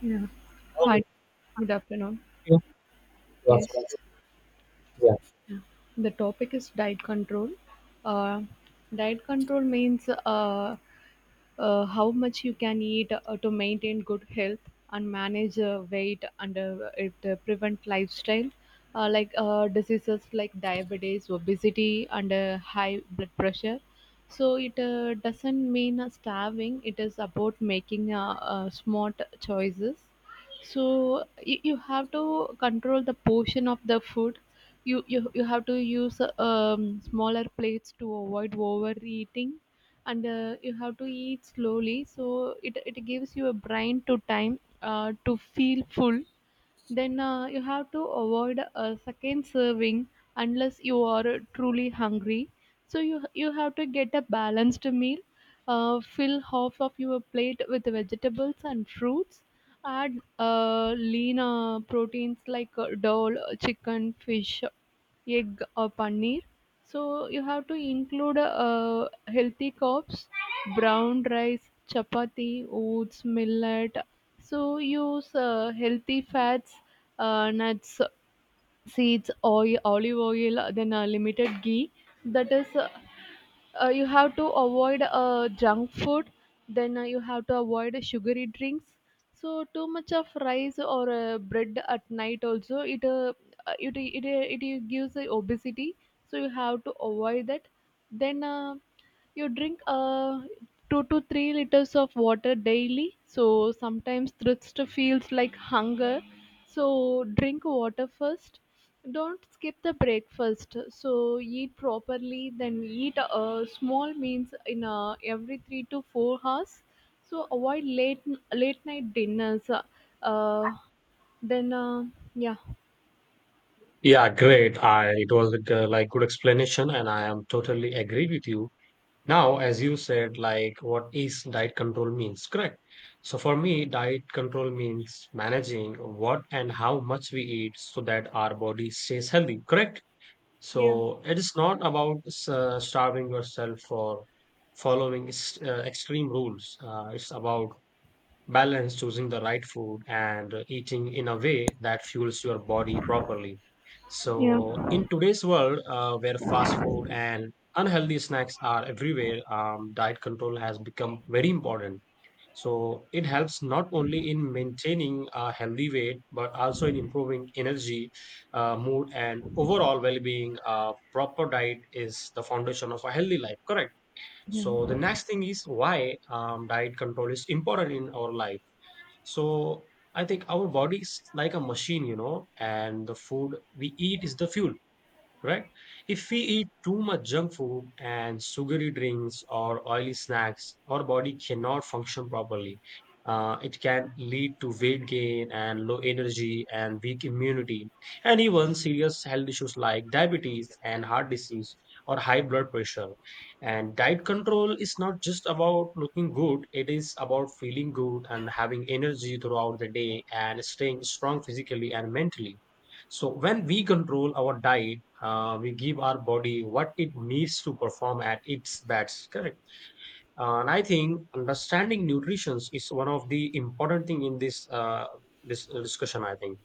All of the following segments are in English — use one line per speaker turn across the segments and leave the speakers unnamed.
Yeah.
Oh,
Hi, good afternoon.
okay. Yes.
Yes, yes,
Yeah.
yeah. The topic is diet control. Uh, Diet control means how much you can eat to maintain good health and manage weight, and it prevent lifestyle diseases like diabetes, obesity, and high blood pressure. So it doesn't mean starving. It is about making smart choices. So you have to control the portion of the food. You have to use smaller plates to avoid overeating, and you have to eat slowly so it gives you a brain to time to feel full. Then you have to avoid a second serving unless you are truly hungry. So you have to get a balanced meal. Fill half of your plate with vegetables and fruits. Add lean proteins like dal, chicken, fish, egg, or paneer. So you have to include healthy carbs, brown rice, chapati, oats, millet. So use healthy fats, nuts, seeds, oil, olive oil, then limited ghee. That is, uh, you have to avoid junk food. Then you have to avoid sugary drinks. So too much of rice or bread at night also, it gives obesity. So you have to avoid that. Then you drink 2 to 3 liters of water daily. So sometimes thirst feels like hunger. So drink water first. Don't skip the breakfast. So eat properly. Then eat small meals in every 3 to 4 hours. So avoid late night dinners. Uh, then yeah.
Yeah, great. I it was like good explanation, and I am totally agree with you. Now, as you said, like what is diet control means, correct? So for me, diet control means managing what and how much we eat so that our body stays healthy, correct?
Yeah.
So it is not about starving yourself or following extreme rules. It's about balance, choosing the right food and eating in a way that fuels your body properly. So
Yeah.
in today's world, where fast food and unhealthy snacks are everywhere, diet control has become very important. So it helps not only in maintaining a healthy weight but also in improving energy, mood and overall well-being. Proper diet is the foundation of a healthy life, correct?
Yeah.
So the next thing is why diet control is important in our life. So I think our body is like a machine, you know, and the food we eat is the fuel. Correct? If we eat too much junk food and sugary drinks or oily snacks, our body cannot function properly. It can lead to weight gain and low energy and weak immunity, and even serious health issues like diabetes and heart disease or high blood pressure. And diet control is not just about looking good, it is about feeling good and having energy throughout the day and staying strong physically and mentally. So when we control our diet, we give our body what it needs to perform at its best. Correct. And I think understanding nutrition is one of the important thing in this discussion. I think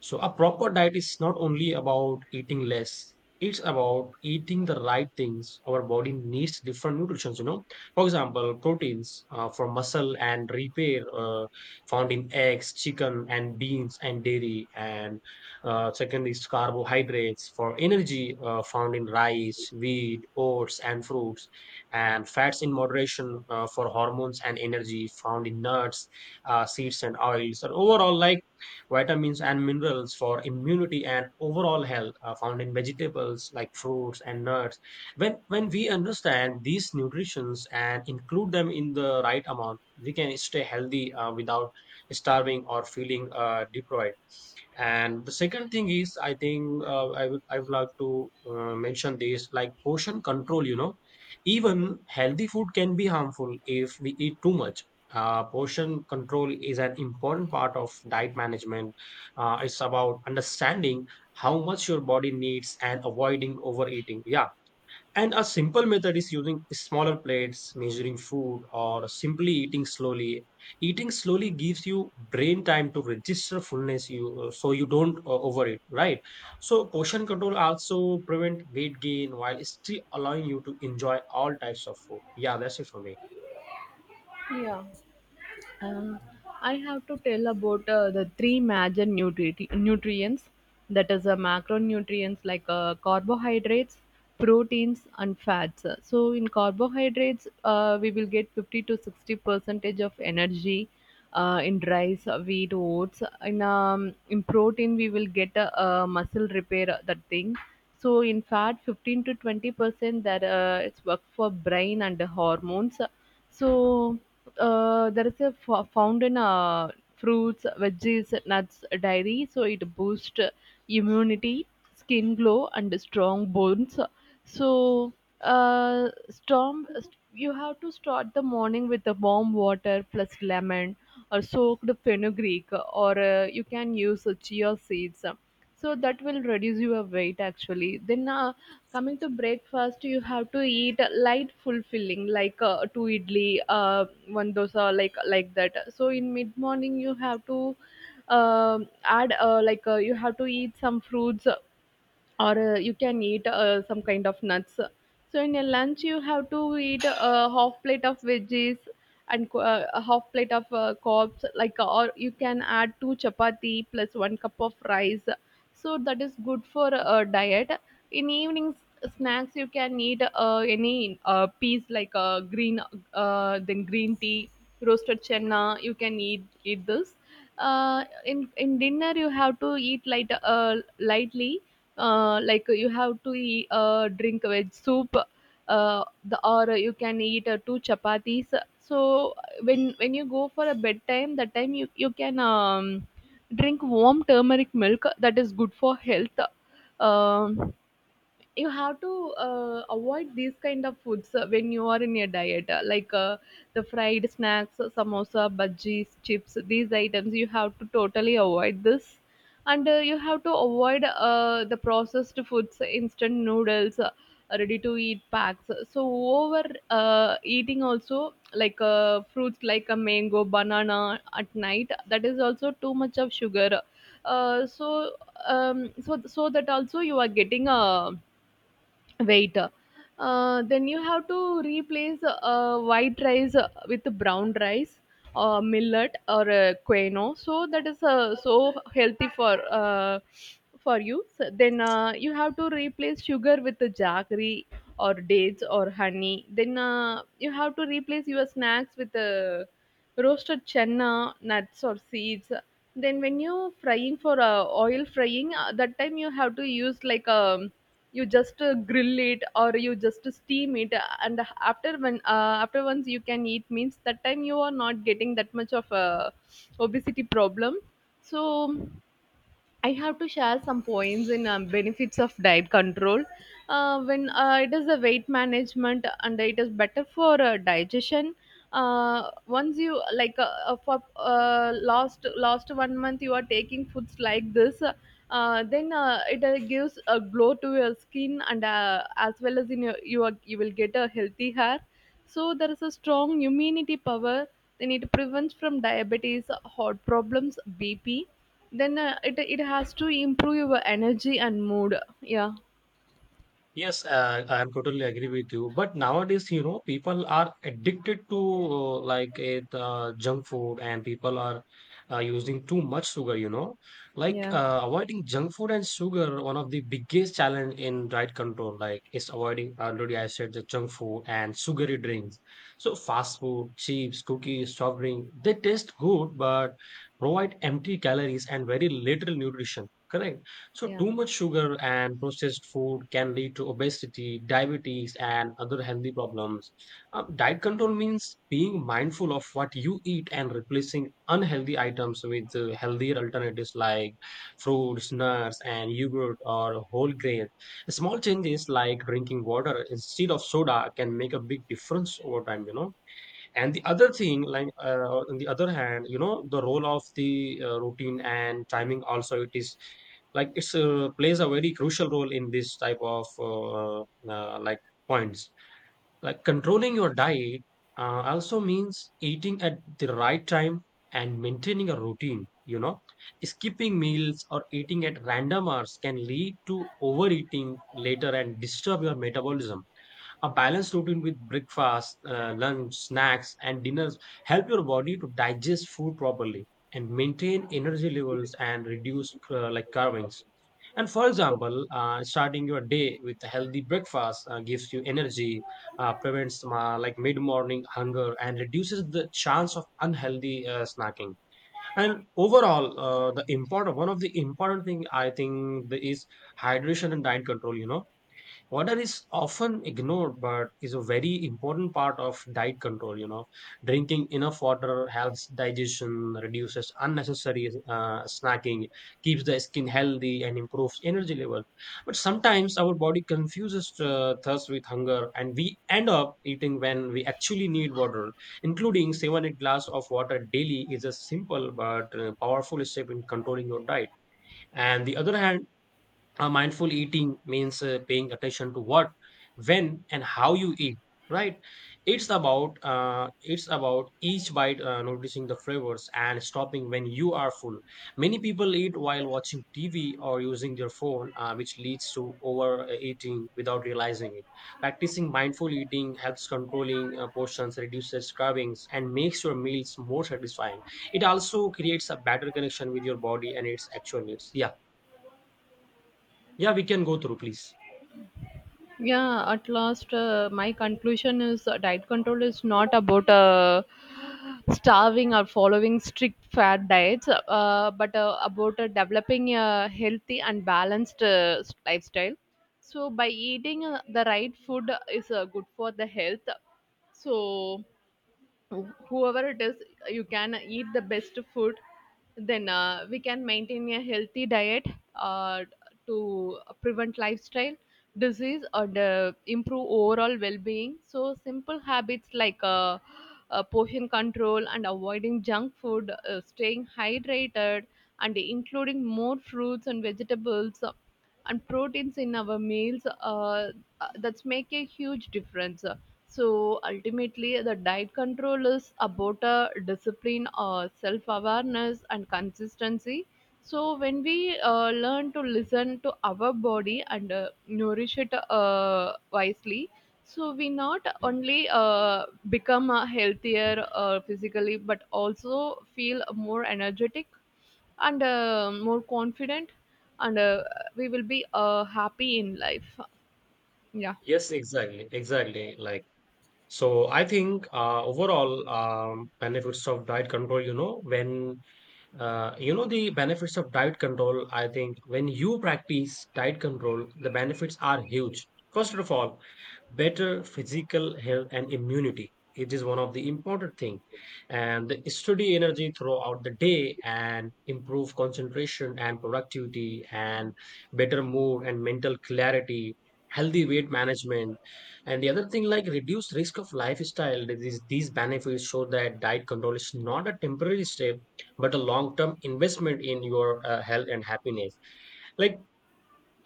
so. A proper diet is not only about eating less; it's about eating the right things. Our body needs different nutrients. You know, for example, proteins for muscle and repair, found in eggs, chicken, and beans and dairy. And second is carbohydrates for energy, found in rice, wheat, oats, and fruits, and fats in moderation for hormones and energy, found in nuts, seeds, and oils. Or overall, like vitamins and minerals for immunity and overall health are found in vegetables like fruits and nuts. When we understand these nutritions and include them in the right amount, we can stay healthy without starving or feeling deprived. And the second thing is, I think, I would like to mention this, like portion control. You know, even healthy food can be harmful if we eat too much. Portion control is an important part of diet management. It's about understanding how much your body needs and avoiding overeating. Yeah, and a simple method is using smaller plates, measuring food, or simply eating slowly. Eating slowly gives you brain time to register fullness, you so you don't overeat, right? So portion control also prevent weight gain while still allowing you to enjoy all types of food. Yeah, that's it for me.
Yeah. Um, I have to tell about the three major nutrients, that is, macronutrients like carbohydrates, proteins, and fats. So in carbohydrates, we will get 50 to 60 percentage of energy in rice, wheat, oats. In protein, we will get a, muscle repair, that thing. So in fat, 15 to 20%, that it's work for brain and the hormones. So there is a found in fruits, veggies, nuts, dairy. So it boosts immunity, skin glow, and strong bones. So storm. You have to start the morning with the warm water plus lemon, or soaked fenugreek, or you can use chia seeds, so that will reduce your weight actually. Then coming to breakfast, you have to eat light, fulfilling, like two idli, one dosa, like that. So in mid morning, you have to add, you have to eat some fruits, or you can eat some kind of nuts. So in your lunch, you have to eat a half plate of veggies and a half plate of carbs, like, or you can add two chapati plus one cup of rice. So that is good for a diet. In evenings snacks, you can eat any piece like green, then green tea, roasted chana. You can eat this. In dinner, you have to eat lightly, like you have to drink veg soup, or you can eat two chapatis. So when you go for a bedtime, that time you can drink warm turmeric milk. That is good for health. um, you have to avoid these kind of foods when you are in your diet, the fried snacks, samosa, bhajis, chips. These items you have to totally avoid this. And you have to avoid the processed foods, instant noodles, ready to eat packs. So over eating also, like fruits like a mango, banana at night, that is also too much of sugar. Uh, so um, so so that also you are getting a weight. Then you have to replace white rice with brown rice or millet or quinoa. So that is so healthy for you. So then you have to replace sugar with the jaggery or dates or honey. Then you have to replace your snacks with roasted chenna, nuts, or seeds. Then when you frying for oil frying, that time you have to use like, you just grill it or you just steam it. And after when After once you can eat means, that time you are not getting that much of a obesity problem. So I have to share some points in benefits of diet control. When It is a weight management, and it is better for digestion. Once you like for last last 1 month, you are taking foods like this, then it gives a glow to your skin, and as well as in you will get a healthy hair. So there is a strong immunity power. Then it prevents from diabetes, heart problems, bp. Then it has to improve your energy and mood. Yeah.
Yes, I'm totally agree with you. But nowadays, you know, people are addicted to like a junk food, and people are using too much sugar. You know, like
Yeah.
avoiding junk food and sugar. One of the biggest challenge in diet control, like, is avoiding, already I said the junk food and sugary drinks. So fast food, chips, cookies, soft drink, they taste good, but provide empty calories and very little nutrition. Correct. So,
Yeah.
too much sugar and processed food can lead to obesity, diabetes, and other healthy problems. Diet control means being mindful of what you eat and replacing unhealthy items with healthier alternatives like fruits, nuts, and yogurt or whole grain. Small changes like drinking water instead of soda can make a big difference over time. And the other thing, like, on the other hand, you know, the role of the routine and timing, also it is like it's plays a very crucial role in this type of like points, like controlling your diet, also means eating at the right time and maintaining a routine. Skipping meals or eating at random hours can lead to overeating later and disturb your metabolism. A balanced routine with breakfast, lunch, snacks, and dinners help your body to digest food properly and maintain energy levels and reduce like carvings. And for example, starting your day with a healthy breakfast gives you energy, prevents like mid-morning hunger, and reduces the chance of unhealthy snacking. And overall, the important, one of the important thing I think is hydration and diet control, you know. Water is often ignored, but is a very important part of diet control. You know, drinking enough water helps digestion, reduces unnecessary snacking, keeps the skin healthy, and improves energy level. But sometimes our body confuses thirst with hunger, and we end up eating when we actually need water. Including 7-8 glass of water daily is a simple but powerful step in controlling your diet. And the other hand, mindful eating means paying attention to what, when and how you eat, right? It's about each bite, noticing the flavors and stopping when you are full. Many people eat while watching TV or using their phone, which leads to overeating without realizing it. Practicing mindful eating helps controlling portions, reduces cravings and makes your meals more satisfying. It also creates a better connection with your body and its actual needs. Yeah, yeah, we can go through, please.
Yeah, at last, my conclusion is, diet control is not about starving or following strict fat diets, but about developing a healthy and balanced lifestyle. So by eating the right food is good for the health. So whoever it is, you can eat the best food. Then we can maintain a healthy diet uh, to prevent lifestyle disease or the improve overall well-being. So simple habits like portion control and avoiding junk food, staying hydrated, and including more fruits and vegetables, and proteins in our meals, that's make a huge difference. So ultimately the diet control is about discipline, self-awareness, and consistency. So when we learn to listen to our body and nourish it wisely, so we not only become healthier physically but also feel more energetic and more confident, and we will be happy in life. Yeah.
Yes, exactly, exactly. Like, so I think overall, benefits of diet control, you know, when you know the benefits of diet control. I think when you practice diet control, the benefits are huge. First of all, better physical health and immunity. It is one of the important thing, and the steady energy throughout the day and improve concentration and productivity and better mood and mental clarity, healthy weight management, and the other thing like reduced risk of lifestyle disease. These benefits show that diet control is not a temporary step but a long term investment in your health and happiness. Like,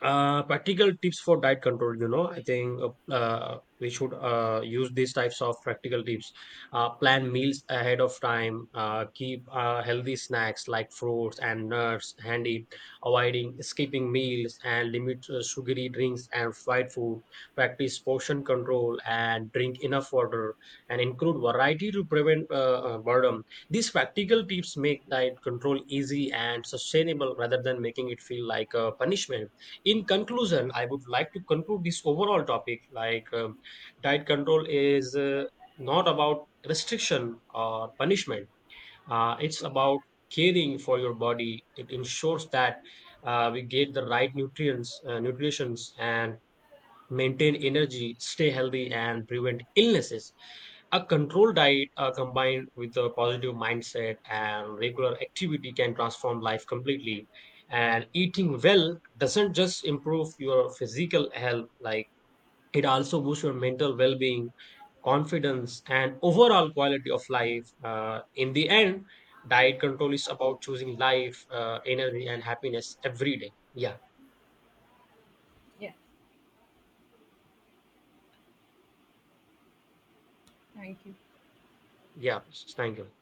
practical tips for diet control, you know, I think we should use these types of practical tips. Plan meals ahead of time, keep healthy snacks like fruits and nuts handy, avoiding skipping meals and limit sugary drinks and fried food, practice portion control and drink enough water, and include variety to prevent boredom. These practical tips make diet control easy and sustainable rather than making it feel like a punishment. In conclusion, I would like to conclude this overall topic, like, diet control is not about restriction or punishment. It's about caring for your body. It ensures that we get the right nutrients, nutritions, and maintain energy, stay healthy and prevent illnesses. A controlled diet, combined with a positive mindset and regular activity, can transform life completely. And eating well doesn't just improve your physical health, like it also boosts your mental well being, confidence, and overall quality of life. In the end, diet control is about choosing life, energy, and happiness every day. Yeah,
Yeah. Thank you.
yeah, thank you.